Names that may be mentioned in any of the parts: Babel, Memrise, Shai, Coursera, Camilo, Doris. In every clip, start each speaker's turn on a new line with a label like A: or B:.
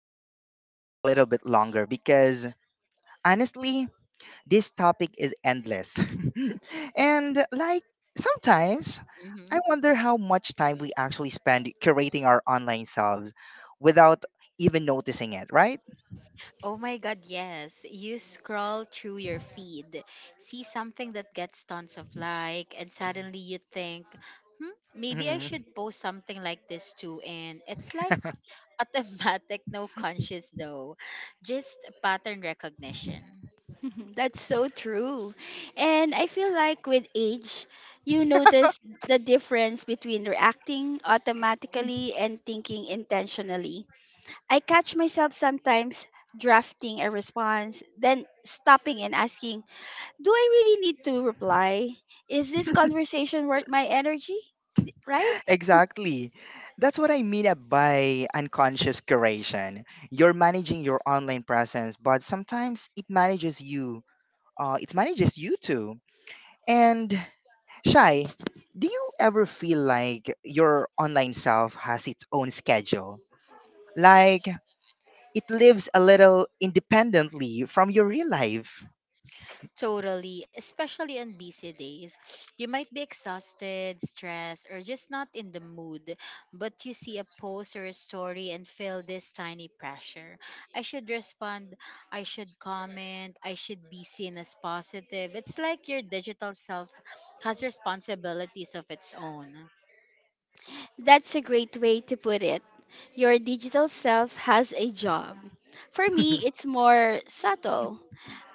A: keep this going a little bit longer because honestly, this topic is endless. and like Sometimes
B: Mm-hmm.
A: I wonder how much time we actually spend curating our online selves without even noticing it, right?
B: Oh my god, yes. You scroll through your feed, see something that gets tons of like, and suddenly you think, hmm, maybe I
A: Mhm.
B: should post something like this too. And it's like automatic, no conscious though, just pattern recognition.
C: That's so true. And I feel like with age, you notice the difference between reacting automatically and thinking intentionally. I catch myself sometimes drafting a response, then stopping and asking, do I really need to reply? Is this conversation worth my energy? Right?
A: Exactly. That's what I mean by unconscious curation. You're managing your online presence, but sometimes it manages you. It manages you too. And Shai, do you ever feel like your online self has its own schedule? Like it lives a little independently from your real life?
B: Totally, especially on busy days. You might be exhausted, stressed, or just not in the mood, but you see a post or a story and feel this tiny pressure. I should respond, I should comment, I should be seen as positive. It's like your digital self has responsibilities of its own.
C: That's a great way to put it. Your digital self has a job. For me, it's more subtle.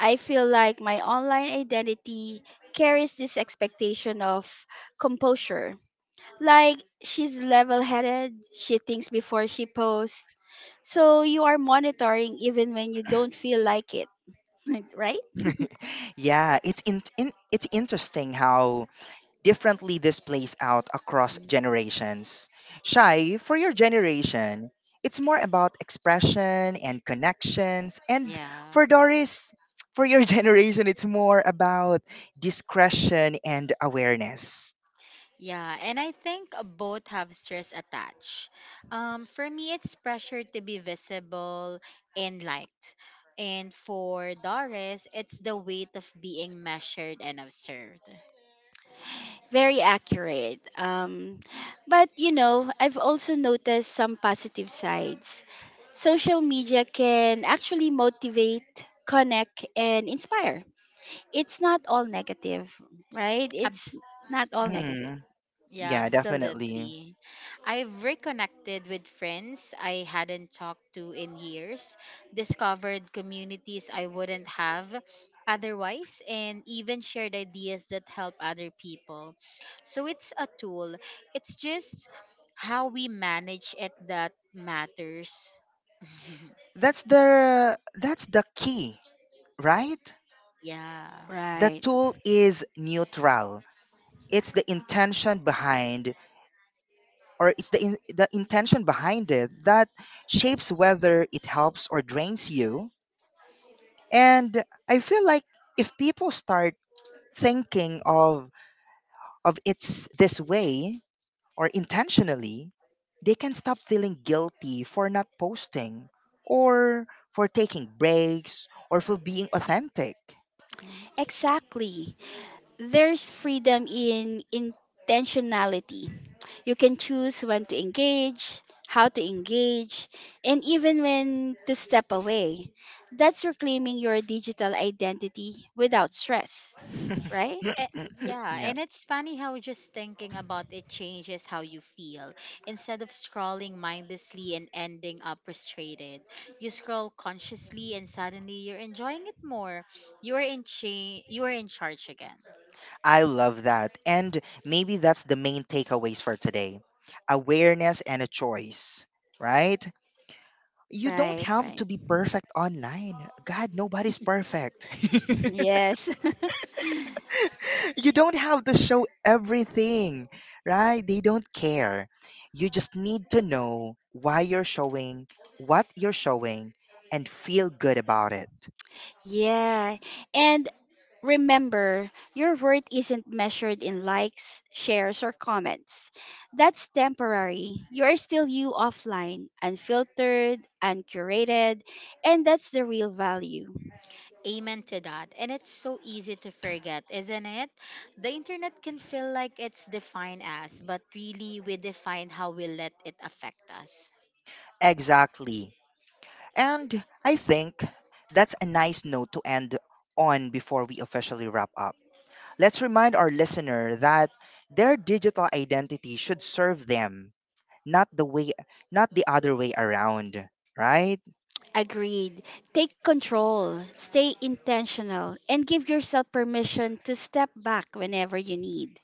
C: I feel like my online identity carries this expectation of composure. Like she's level headed, she thinks before she posts. So you are monitoring even when you don't feel like it, right?
A: Yeah, it's interesting how differently this plays out across
B: Mhm.
A: generations. Shai, for your generation, it's more about expression and connections, and
B: Yeah.
A: for Doris, for your generation, it's more about discretion and awareness.
B: Yeah, and I think both have stress attached. For me, it's pressure to be visible and liked. And for Doris, it's the weight of being measured and observed.
C: Very accurate. But you know, I've also noticed some positive sides. Social media can actually motivate, connect, and inspire. It's not all negative, right? It's
B: Abs-
C: not all
B: mm-hmm.
C: negative.
A: Mm,
B: Yeah,
A: yeah, definitely.
B: absolutely. I've reconnected with friends I hadn't talked to in years, discovered communities I wouldn't have otherwise, and even shared ideas that help other people. So it's a tool, it's just how we manage it that matters.
A: That's the key, right?
B: Yeah.
A: The
C: Right.
A: tool is neutral. It's the intention behind or it's the in, The intention behind it that shapes whether it helps or drains you. And I feel like if people start thinking of it's this way or intentionally, they can stop feeling guilty for not posting or for taking breaks or for being authentic.
B: Mm-hmm.
C: Exactly. There's freedom in intentionality. You can choose when to engage, how to engage, and even when to step away. That's reclaiming your digital identity without stress, right?
B: Eh, yeah,
A: Yeah,
B: and it's funny how just thinking about it changes how you feel. Instead of scrolling mindlessly and ending up frustrated, you scroll consciously and suddenly you're enjoying it more. You are in cha- you are in charge again.
A: I love that. And maybe that's the main takeaways for today, awareness and a choice, right? You don't
C: Right,
A: have to
C: right.
A: be perfect online. God, nobody's perfect.
C: Yes.
A: You don't have to show everything, right? They don't care. You just need to know why you're showing, what you're showing, and feel good about it.
C: Yeah. And remember, your worth isn't measured in likes, shares, or comments. That's temporary. You're still you offline, unfiltered, uncurated, and that's the real value.
B: Amen to that. And it's so easy to forget, isn't it? The internet can feel like it's defined us, but really we define how we let it affect us.
A: Exactly. And I think that's a nice note to end on before we officially wrap up. Let's remind our listener that their digital identity should serve them, not the way not the other way around, right?
C: Agreed. Take control, stay intentional, and give yourself permission to step back whenever you need.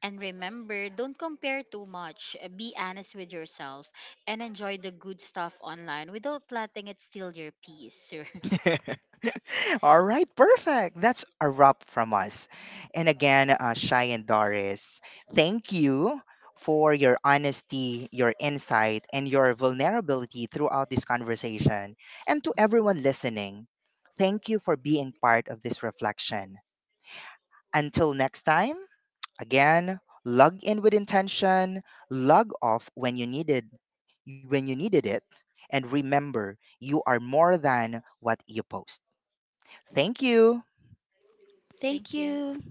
B: And remember, don't compare too much. Be honest with yourself and enjoy the good stuff online without letting it steal your peace.
A: All right, perfect. That's a wrap from us. And again, Shy and Doris, thank you for your honesty, your insight, and your vulnerability throughout this conversation. And to everyone listening, thank you for being part of this reflection. Until next time, again, log in with intention, log off when you needed it, and remember, you are more than what you post. Thank you.
B: Thank
C: Thank
B: you.
C: you.